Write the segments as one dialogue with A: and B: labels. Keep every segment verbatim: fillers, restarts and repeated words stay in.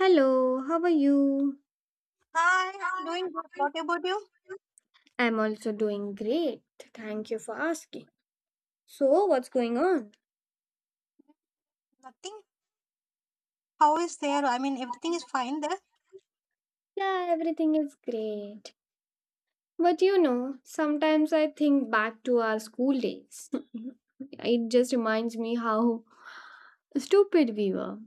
A: Hello, how are you?
B: Hi, I'm doing good. What about you?
A: I'm also doing great. Thank you for asking. So, what's going on?
B: Nothing. How is there? I mean, everything is fine there.
A: Yeah, everything is great. But you know, sometimes I think back to our school days. It just reminds me how stupid we were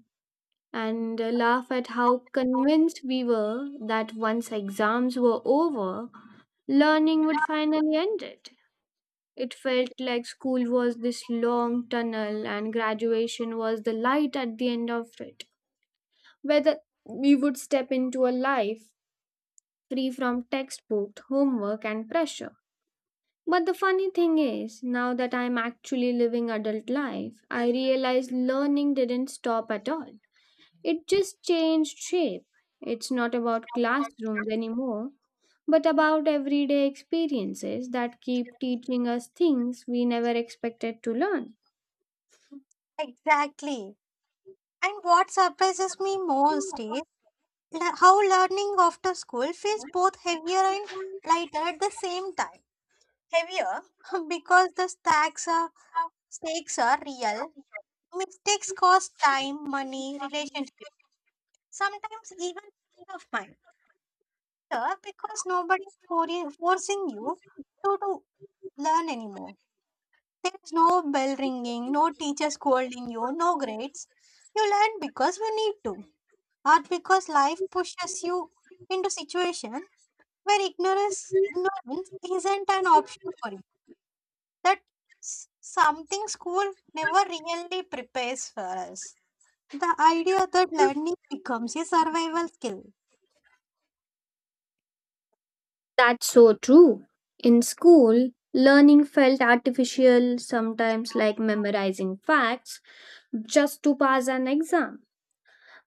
A: and laugh at how convinced we were that once exams were over, learning would finally end it. It felt like school was this long tunnel and graduation was the light at the end of it. Whether we would step into a life free from textbooks, homework, and pressure. But the funny thing is, now that I'm actually living adult life, I realize learning didn't stop at all. It just changed shape. It's not about classrooms anymore, but about everyday experiences that keep teaching us things we never expected to learn.
B: Exactly. And what surprises me most is le- how learning after school feels both heavier and lighter at the same time. Heavier because the stacks are stakes are real. Mistakes cost time, money, relationship, sometimes even peace of mind. Sure, because nobody for- forcing you to, to learn anymore. There is no bell ringing, no teacher scolding you, no grades. You learn because you need to, or because life pushes you into situation where ignorance, ignorance isn't an option for you. That something school never really prepares for us. The idea that learning becomes a survival skill.
A: That's so true. In school, learning felt artificial, sometimes like memorizing facts just to pass an exam,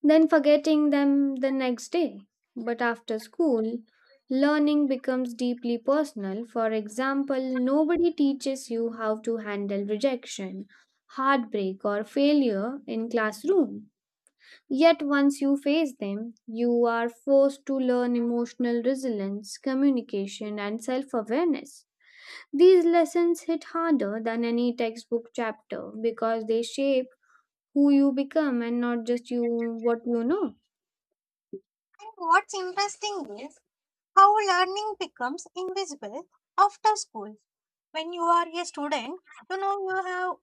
A: then forgetting them the next day. But after school, learning becomes deeply personal. For example, nobody teaches you how to handle rejection, heartbreak, or failure in classroom. Yet once you face them, you are forced to learn emotional resilience, communication, and self awareness. These lessons hit harder than any textbook chapter because they shape who you become and not just you what you know.
B: And what's interesting is how learning becomes invisible after school. When you are a student, you know you have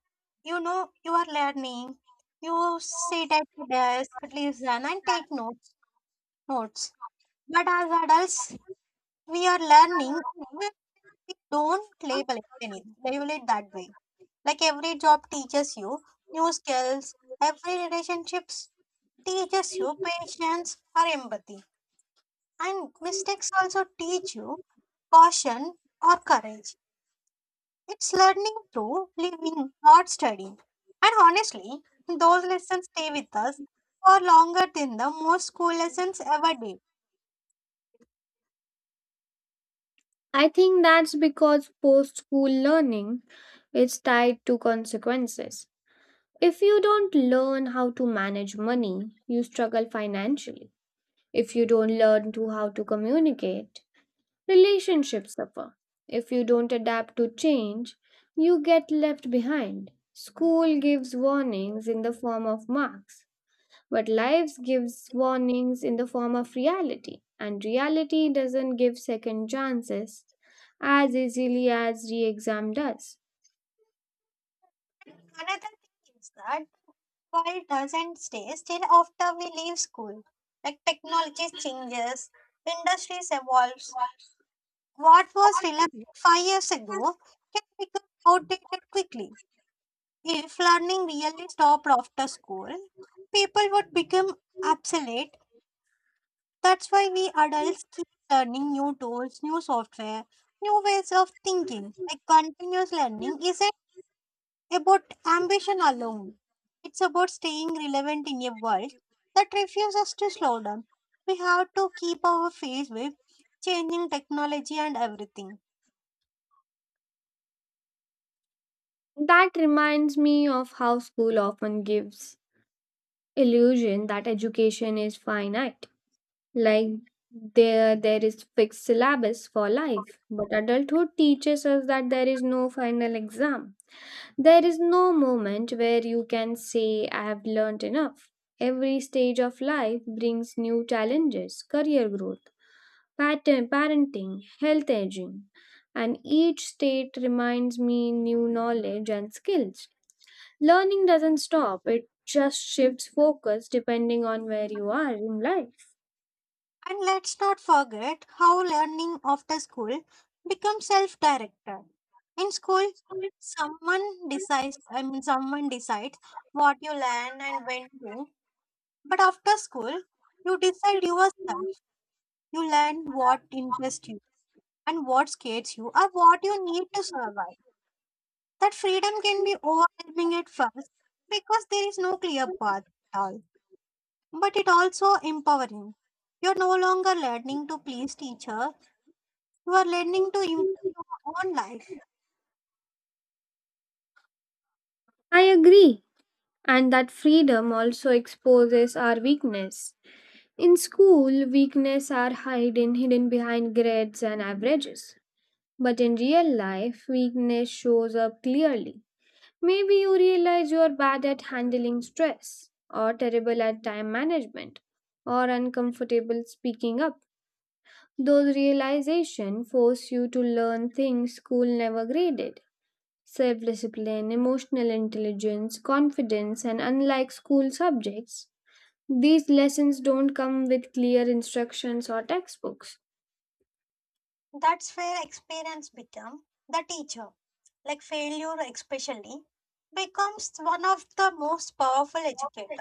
B: you know you are learning. You sit at the desk, listen, and take notes notes, but as adults we are learning, but we don't label it anything label it that way. Like every job teaches you new skills, every relationships teaches you patience or empathy, and mistakes also teach you caution or courage. It's learning through living, not studying. And honestly, those lessons stay with us for longer than the most school lessons ever did.
A: I think that's because post school learning is tied to consequences. If you don't learn how to manage money, you struggle financially. If you don't learn to how to communicate, relationships suffer. If you don't adapt to change, you get left behind. School gives warnings in the form of marks, but life gives warnings in the form of reality, and reality doesn't give second chances as easily as re exam does.
B: Another thing is that the world doesn't stay still after we leave school. Like technology changes, industries evolves. What was relevant five years ago can become outdated quickly. If learning really stopped after school, people would become obsolete. That's why we adults keep learning new tools, new software, new ways of thinking. Like continuous learning isn't about ambition alone. It's about staying relevant in a world that refuses to slow down. We have to keep our face with changing technology and everything.
A: That reminds me of how school often gives illusion that education is finite. Like there there is fixed syllabus for life, but adulthood teaches us that there is no final exam. There is no moment where you can say I have learned enough. Every stage of life brings new challenges, career growth, pattern parenting, health aging, and each state reminds me new knowledge and skills. Learning doesn't stop, it just shifts focus depending on where you are in life.
B: And let's not forget how learning after school becomes self-directed. In school, someone decides, I mean, someone decides what you learn and when to. But after school, you decide yourself. You learn what interests you and what scares you or what you need to survive. That freedom can be overwhelming at first because there is no clear path at all. But it also empowering. You're no longer learning to please teacher. You are learning to improve your own life.
A: I agree, and that freedom also exposes our weakness. In school, weakness are hidden hidden behind grades and averages. But in real life, weakness shows up clearly. Maybe you realize you are bad at handling stress, or terrible at time management, or uncomfortable speaking up. Those realizations force you to learn things school never graded self discipline, emotional intelligence, confidence, and unlike school subjects, these lessons don't come with clear instructions or textbooks.
B: That's where experience become the teacher. Like failure especially becomes one of the most powerful educators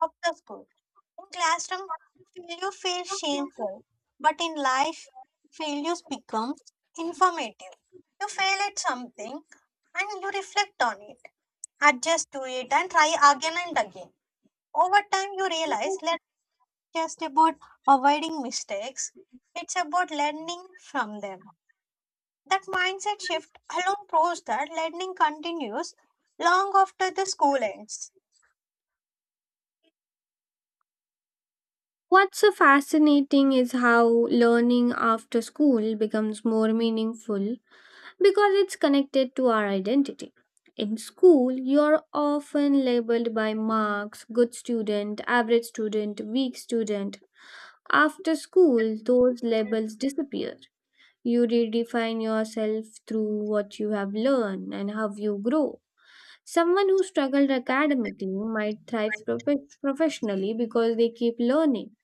B: of the school. In classroom, failure feels shameful, but in life, failures becomes informative. You fail at something and you reflect on it, adjust to it, and try again and again. Over time, you realize that it's just about avoiding mistakes, it's about learning from them. That mindset shift alone proves that learning continues long after the school ends.
A: What's so fascinating is how learning after school becomes more meaningful because it's connected to our identity. In school, you're often labeled by marks good student, average student, weak student. After school, those labels disappear. You redefine yourself through what you have learned and how you grow. Someone who struggled academically might thrive profe- professionally because they keep learning.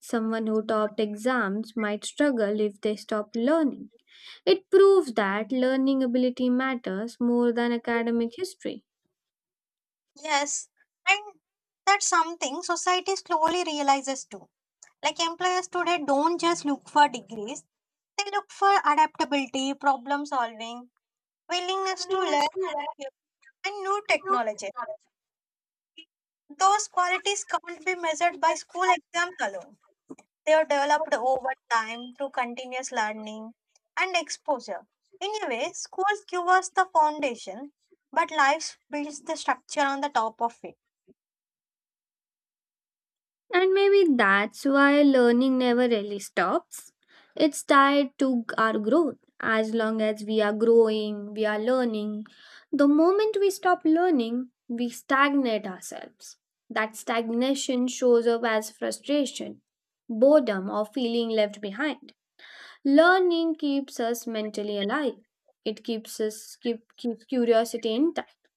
A: Someone who topped exams might struggle if they stop learning. It proves that learning ability matters more than academic history.
B: Yes, and that's something society slowly realizes too. Like employers today don't just look for degrees, they look for adaptability, problem solving, willingness to learn, and new technology. Those qualities can't be measured by school exams alone. They are developed over time through continuous learning and exposure. In a way, schools give us the foundation, but life builds the structure on the top of it.
A: And maybe that's why learning never really stops. It's tied to our growth. As long as we are growing, we are learning. The moment we stop learning, we stagnate ourselves. That stagnation shows up as frustration, boredom, or feeling left behind. Learning keeps us mentally alive. It keeps us keep, keeps curiosity intact.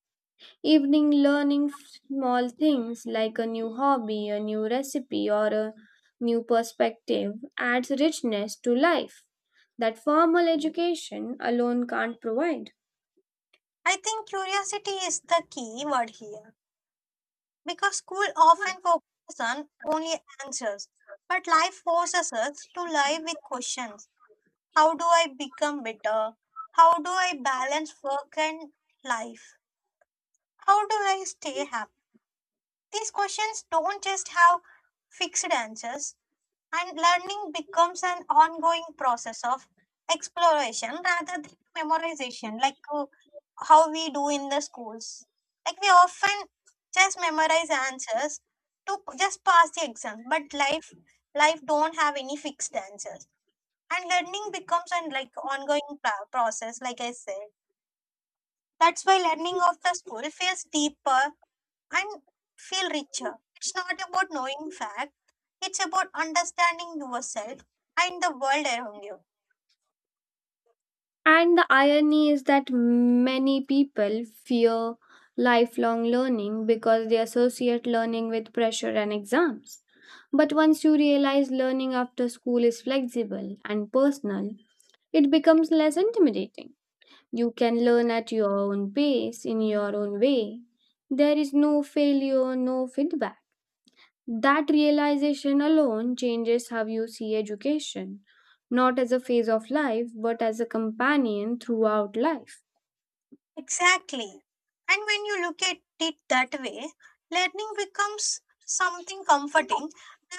A: Evening learning f- small things like a new hobby, a new recipe, or a new perspective adds richness to life that formal education alone can't provide.
B: I think curiosity is the key word here, because school often focuses on only answers, but life forces us to live with questions. How do I become better? How do I balance work and life? How do I stay happy? These questions don't just have fixed answers, and learning becomes an ongoing process of exploration rather than memorization, like uh, how we do in the schools. Like we often just memorize answers to p- just pass the exam, but life life don't have any fixed answers. And learning becomes an like ongoing pro- process, like I said. That's why learning of the school feels deeper and feel richer. It's not about knowing facts, it's about understanding yourself and the world around you.
A: And the irony is that many people fear lifelong learning because they associate learning with pressure and exams. But once you realize learning after school is flexible and personal, it becomes less intimidating. You can learn at your own pace, in your own way. There is no failure, no feedback. That realization alone changes how you see education, not as a phase of life, but as a companion throughout life.
B: Exactly. And when you look at it that way, learning becomes something comforting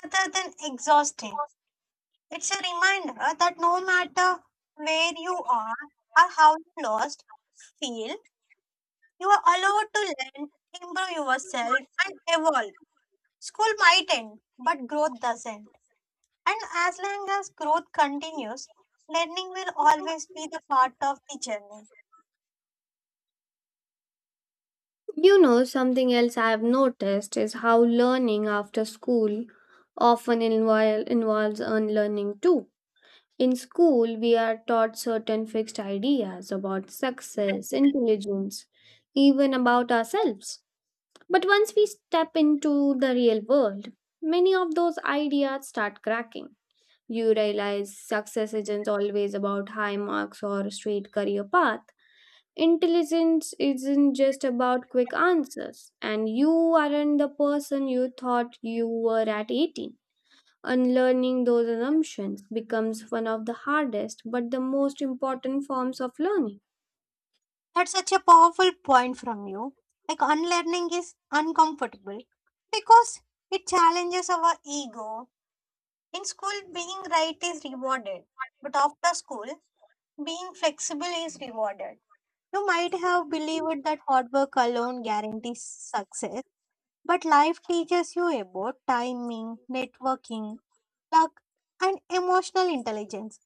B: rather than exhausting. It's a reminder that no matter where you are or how you lost, feel, you are allowed to learn, improve yourself, and evolve. School might end, but growth doesn't. And as long as growth continues, learning will always be the part of the journey.
A: You know, something else I've noticed is how learning after school often invol- involves unlearning too. In school, we are taught certain fixed ideas about success, intelligence, even about ourselves. But once we step into the real world, many of those ideas start cracking. You realize success isn't always about high marks or a straight career path. Intelligence isn't just about quick answers, and you aren't the person you thought you were at eighteen. Unlearning those assumptions becomes one of the hardest but the most important forms of learning.
B: That's such a powerful point from you. Like unlearning is uncomfortable because it challenges our ego. In school, being right is rewarded, but after school, being flexible is rewarded. You might have believed that hard work alone guarantees success, but life teaches you about timing, networking, luck, and emotional intelligence.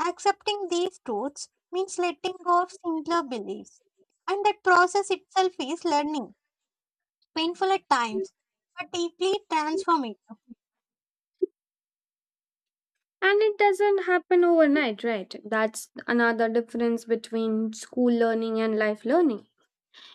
B: Accepting these truths means letting go of simpler beliefs, and that process itself is learning, painful at times, but deeply transformative.
A: And it doesn't happen overnight, right? That's another difference between school learning and life learning.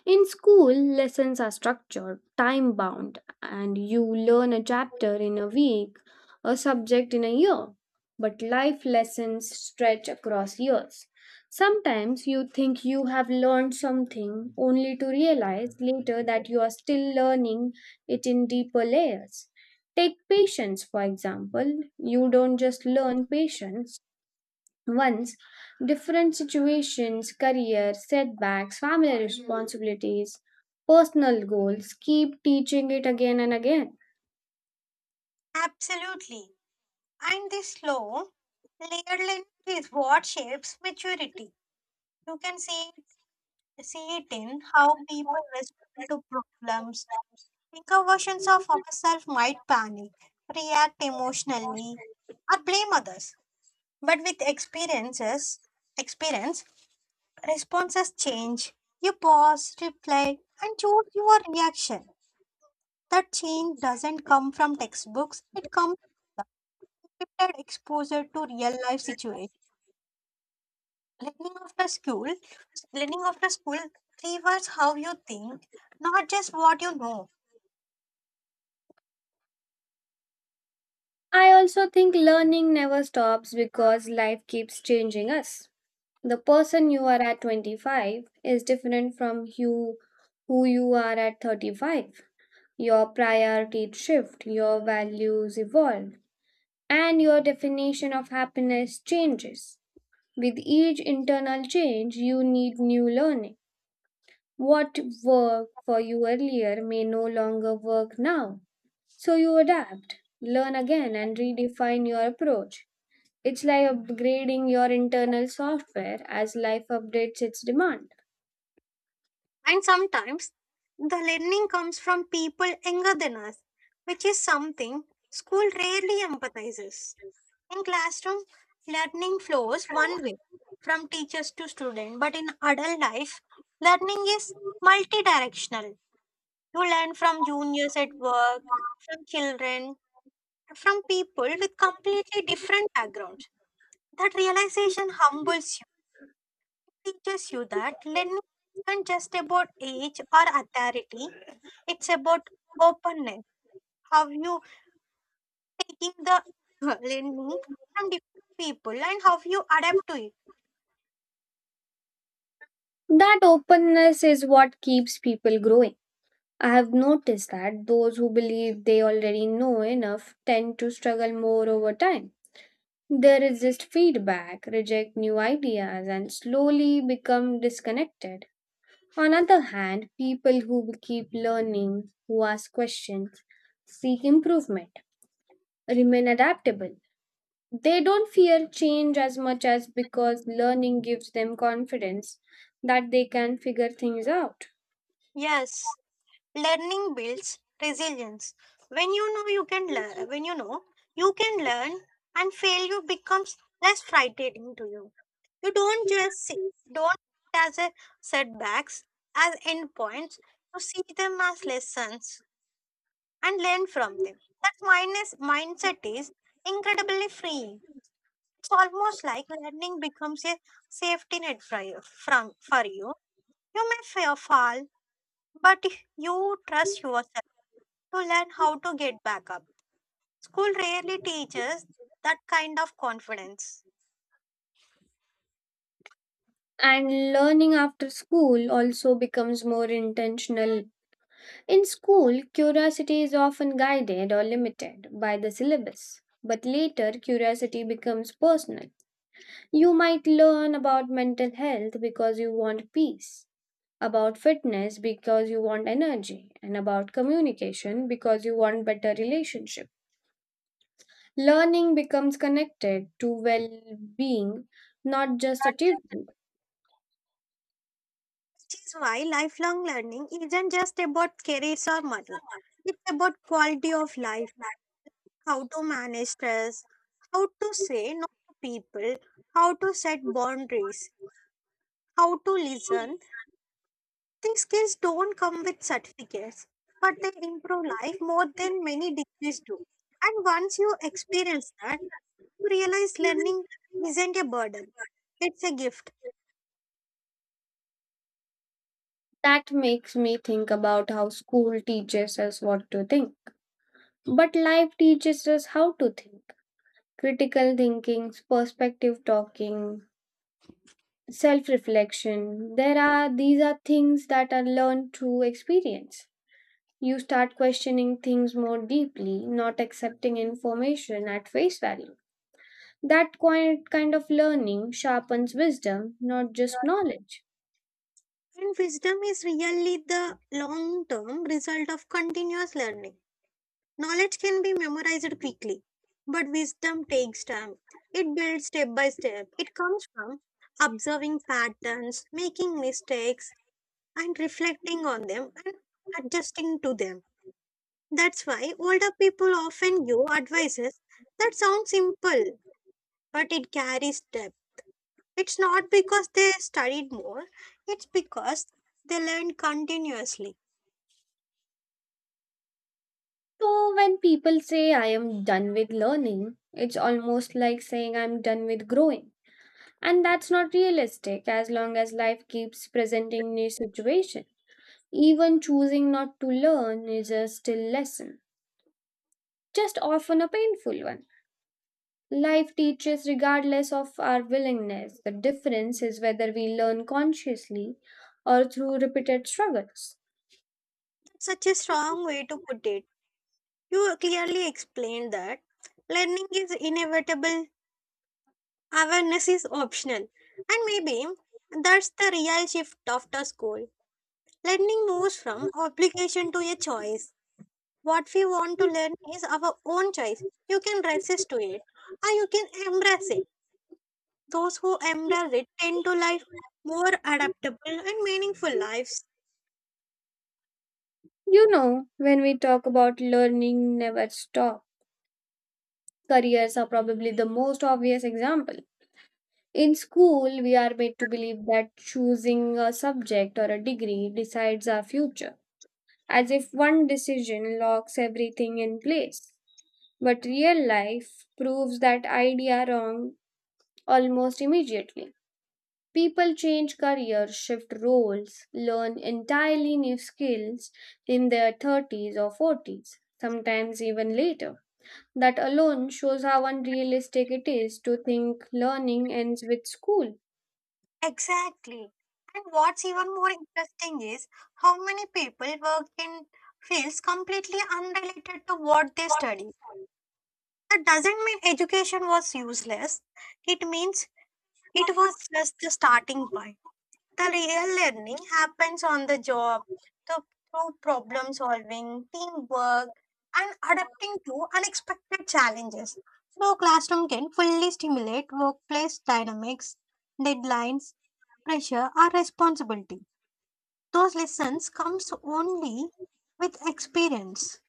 A: In school, lessons are structured, time bound, and you learn a chapter in a week, a subject in a year. But life lessons stretch across years. Sometimes you think you have learned something only to realize later that you are still learning it in deeper layers. Take patience, for example. You don't just learn patience, once different situations, career, setbacks, family responsibilities, personal goals keep teaching it again and again.
B: Absolutely. And this slow, layered learning is what shapes maturity. You can see it, see it in how people respond to problems. Weaker versions of ourselves might panic, react emotionally, or blame others. But with experiences, experience, responses change. You pause, reply, and choose your reaction. That change doesn't come from textbooks, it comes with exposure to real life situations. Learning after school, Learning after school favors how you think, not just what you know.
A: I also think learning never stops because life keeps changing us. The person you are at twenty-five is different from you who you are at thirty-five. Your priorities shift, your values evolve, and your definition of happiness changes. With each internal change, you need new learning. What worked for you earlier may no longer work now. So you adapt, learn again, and redefine your approach. It's like upgrading your internal software as life updates its demand.
B: And sometimes the learning comes from people younger than us, which is something school rarely empathizes. In classroom, learning flows one way from teachers to student, but in adult life, learning is multidirectional. You learn from juniors at work, from children, and from people with completely different backgrounds. That realization humbles you, teaches you that learning isn't just about age or authority, it's about openness, how you taking the learning from different people and how you adapt to it.
A: That openness is what keeps people growing. I have noticed that those who believe they already know enough tend to struggle more over time. They resist feedback, reject new ideas, and slowly become disconnected. On other hand, people who keep learning, who ask questions, seek improvement, remain adaptable. They don't fear change as much as because learning gives them confidence that they can figure things out.
B: Yes. Learning builds resilience. When you know you can learn, when you know you can learn, and failure becomes less frightening to you. You don't just see, don't see it as a setbacks, as endpoints. You see them as lessons and learn from them. That minus mindset is incredibly freeing. It's almost like learning becomes a safety net for you. From for you, you may fa- fall, but you trust yourself to learn how to get back up. School rarely teaches that kind of confidence,
A: And learning after school also becomes more intentional. In school, curiosity is often guided or limited by the syllabus, but later curiosity becomes personal. You might learn about mental health because you want peace, about fitness because you want energy, and about communication because you want better relationship. Learning becomes connected to well-being, not just achievement.
B: which is why lifelong learning isn't just about careers or money. It's about quality of life, how to manage stress, how to say no to people, how to set boundaries, how to listen. These skills don't come with certificates, but they improve life more than many degrees do. And once you experience that, you realize learning isn't a burden, it's a gift.
A: That makes me think about how school teaches us what to think, but life teaches us how to think. Critical thinking, perspective talking, self-reflection. There are these are things that are learned through experience. You start questioning things more deeply, not accepting information at face value. That quiet kind of learning sharpens wisdom, not just knowledge.
B: And wisdom is really the long term result of continuous learning. Knowledge can be memorized quickly, but wisdom takes time. It builds step by step. It comes from observing patterns, making mistakes, and reflecting on them and adjusting to them. That's why older people often give advices that sound simple, but it carries depth. It's not because they studied more, it's because they learned continuously.
A: So when people say I am done with learning, it's almost like saying I'm done with growing. And that's not realistic as long as life keeps presenting new situations. Even choosing not to learn is a still lesson, just often a painful one. Life teaches regardless of our willingness. The difference is whether we learn consciously or through repeated struggles.
B: That's such a strong way to put it. You clearly explained that learning is inevitable, awareness is optional. And maybe that's the real shift after school. Learning moves from obligation to a choice. What we want to learn is our own choice. You can resist to it or you can embrace it. Those who embrace it tend to live more adaptable and meaningful lives.
A: You know, when we talk about learning never stop, careers are probably the most obvious example. In school, we are made to believe that choosing a subject or a degree decides our future, as if one decision locks everything in place. But real life proves that idea wrong almost immediately. People change careers, shift roles, learn entirely new skills in their thirties or forties, sometimes even later. That alone shows how unrealistic it is to think learning ends with school.
B: Exactly. And what's even more interesting is how many people work in fields completely unrelated to what they study. That doesn't mean education was useless, it means it was just the starting point. The real learning happens on the job through, through problem solving, teamwork, and adapting to unexpected challenges. No classroom can fully stimulate workplace dynamics, deadlines, pressure, or responsibility. Those lessons comes only with experience.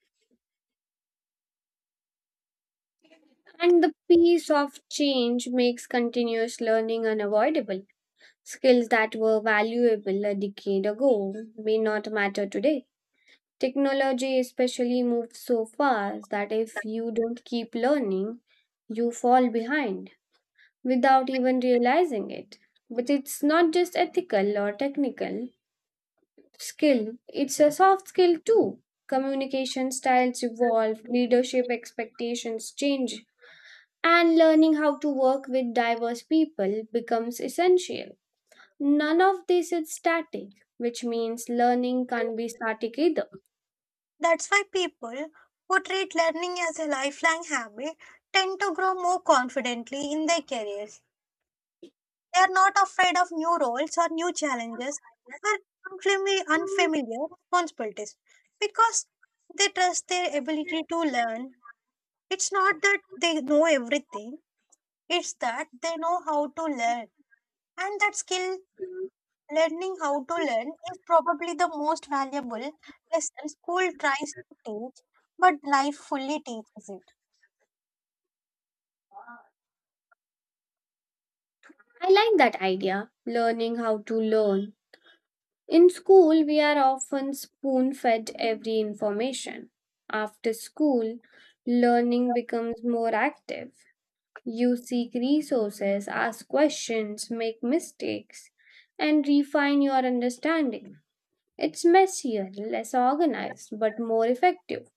A: And the pace of change makes continuous learning unavoidable. Skills that were valuable a decade ago may not matter today. Technology especially moves so fast that if you don't keep learning, you fall behind without even realizing it. But it's not just ethical or technical skill, it's a soft skill too. Communication styles evolve, leadership expectations change, and learning how to work with diverse people becomes essential. None of this is static, which means learning can't be static either.
B: That's why people who treat learning as a lifelong habit tend to grow more confidently in their careers. They are not afraid of new roles or new challenges or unfamiliar, unfamiliar responsibilities because they trust their ability to learn. It's not that they know everything, it's that they know how to learn. And that skill, learning how to learn, is probably the most valuable lesson school tries to teach, but life fully teaches it.
A: I like that idea, learning how to learn. In school, we are often spoon fed every information. After school, learning becomes more active. You seek resources, ask questions, make mistakes, and refine your understanding. It's messier, less organized, but more effective.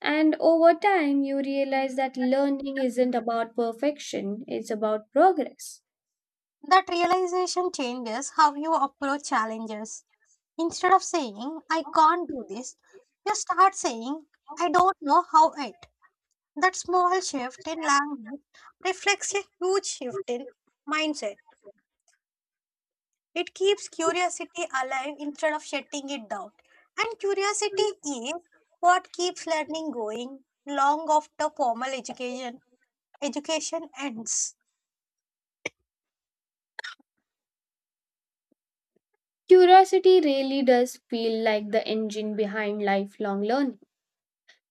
A: And over time, you realize that learning isn't about perfection, it's about progress.
B: That realization changes how you approach challenges. Instead of saying, I can't do this, you start saying, I don't know how it. That small shift in language reflects a huge shift in mindset. It keeps curiosity alive instead of shutting it down. And curiosity is what keeps learning going long after formal education education ends.
A: Curiosity really does feel like the engine behind lifelong learning.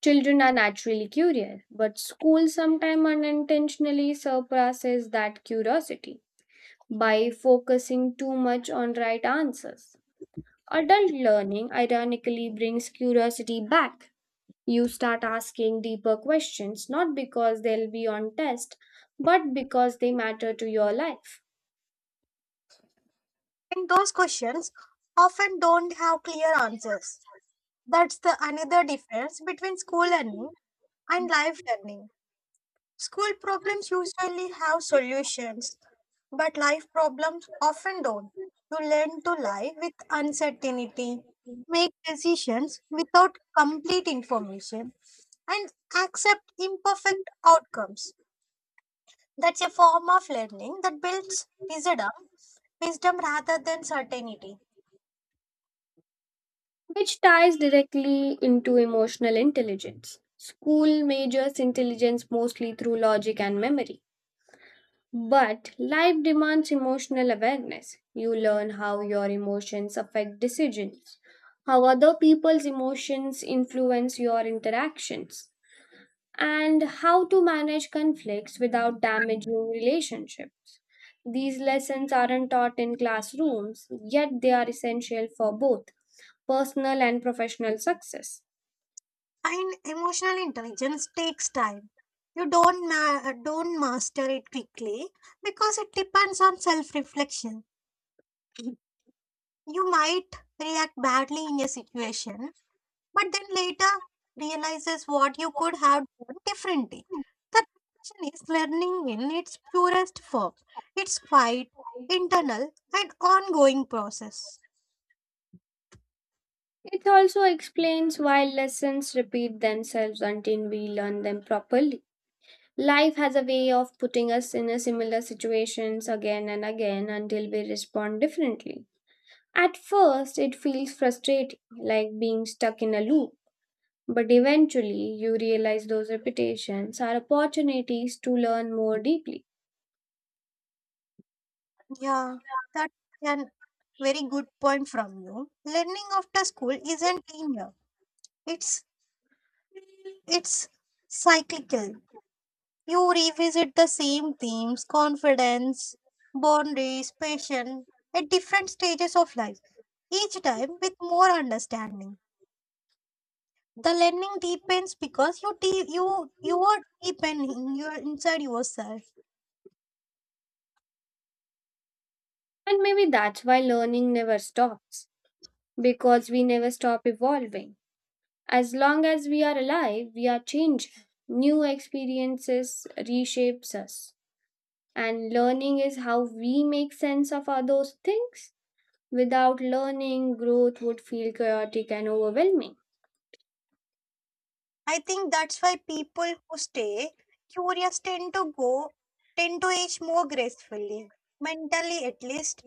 A: Children are naturally curious, but school sometimes unintentionally suppresses that curiosity by focusing too much on right answers. Adult learning ironically brings curiosity back. You start asking deeper questions not because they'll be on test, but because they matter to your life.
B: And those questions often don't have clear answers. That's the another difference between school learning and life learning. School problems usually have solutions, but life problems often don't. You learn to live with uncertainty, make decisions without complete information, and accept imperfect outcomes. That's a form of learning that builds wisdom, wisdom rather than certainty.
A: Which ties directly into emotional intelligence. School measures intelligence mostly through logic and memory. But life demands emotional awareness. You learn how your emotions affect decisions, how other people's emotions influence your interactions, and how to manage conflicts without damaging relationships. These lessons aren't taught in classrooms, yet they are essential for both personal and professional success.
B: And emotional intelligence takes time. You don't ma- don't master it quickly because it depends on self-reflection. You might react badly in a situation, but then later realizes what you could have done differently. That action is learning in its purest form. It's quiet, internal, and ongoing process.
A: It also explains why lessons repeat themselves until we learn them properly. Life has a way of putting us in a similar situations again and again until we respond differently. At first, it feels frustrating, like being stuck in a loop. But eventually, you realize those repetitions are opportunities to learn more deeply.
B: Yeah, that's a very good point from you. Learning after school isn't linear. It's it's cyclical. You revisit the same themes confidence, boundaries, passion at different stages of life, each time with more understanding. The learning deepens because you de- you you are deepening your inside yourself.
A: And maybe that's why learning never stops, because we never stop evolving. As long as we are alive, we are changed. New experiences reshapes us. And learning is how we make sense of all those things. Without learning, growth would feel chaotic and overwhelming.
B: I think that's why people who stay curious tend to go tend to age more gracefully, mentally at least.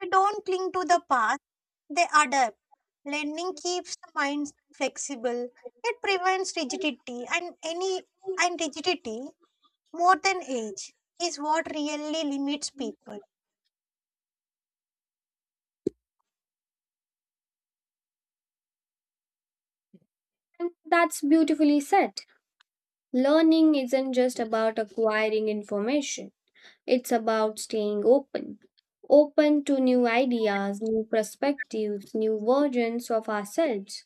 B: They don't cling to the past; they adapt. Lending keeps the mind flexible. It prevents rigidity and any and rigidity more than age is what really limits people.
A: And that's beautifully said. Learning isn't just about acquiring information. It's about staying open, open to new ideas, new perspectives, new versions of ourselves.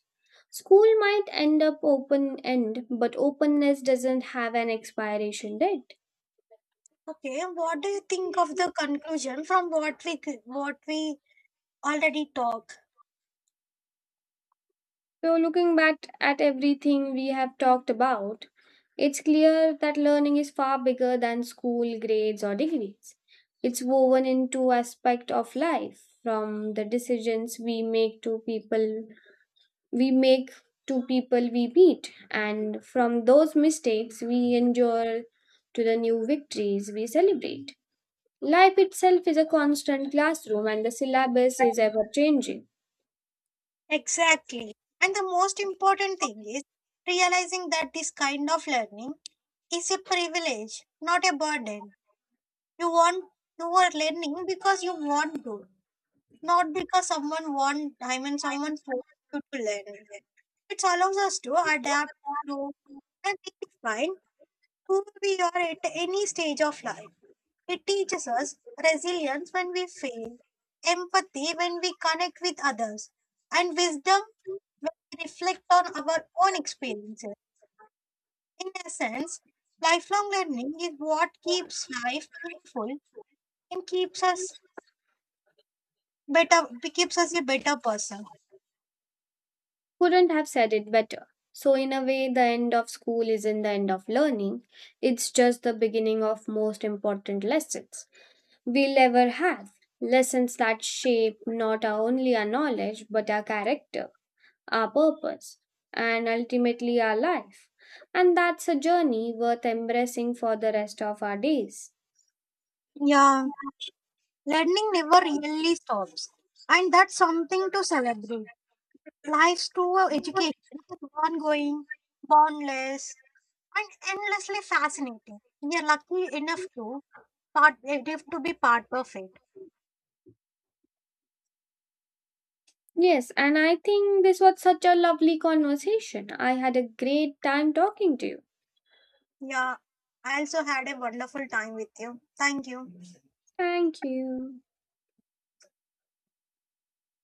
A: School might end up open end, but openness doesn't have an expiration date.
B: Okay, what do you think of the conclusion from what we c- what we already talked?
A: So, looking back at everything we have talked about, it's clear that learning is far bigger than school grades or degrees. It's woven into aspect of life, from the decisions we make to people we make to people we meet, and from those mistakes we endure to the new victories we celebrate. Life itself is a constant classroom, and the syllabus is ever changing.
B: Exactly. And the most important thing is realizing that this kind of learning is a privilege, not a burden. You want you are learning because you want to, not because someone want I mean someone forced you to learn. It allows us to adapt, grow, and redefine who we are at any stage of life. It teaches us resilience when we fail, empathy when we connect with others, and wisdom when we reflect on our own experiences. In essence, lifelong learning is what keeps life meaningful and keeps us better keeps us a better person.
A: Couldn't have said it better. So, in a way, the end of school isn't the end of learning, it's just the beginning of most important lessons we'll ever have. Lessons that shape not our- only our knowledge but our character our purpose, and ultimately our life. And that's a journey worth embracing for the rest of our days.
B: Yeah. Learning never really stops, and that's something to celebrate. Life's true education is ongoing, boundless, and endlessly fascinating. We are lucky enough to part enough to be part of it.
A: Yes, and I think this was such a lovely conversation. I had a great time talking to you.
B: Yeah, I also had a wonderful time with you. Thank you.
A: Thank you.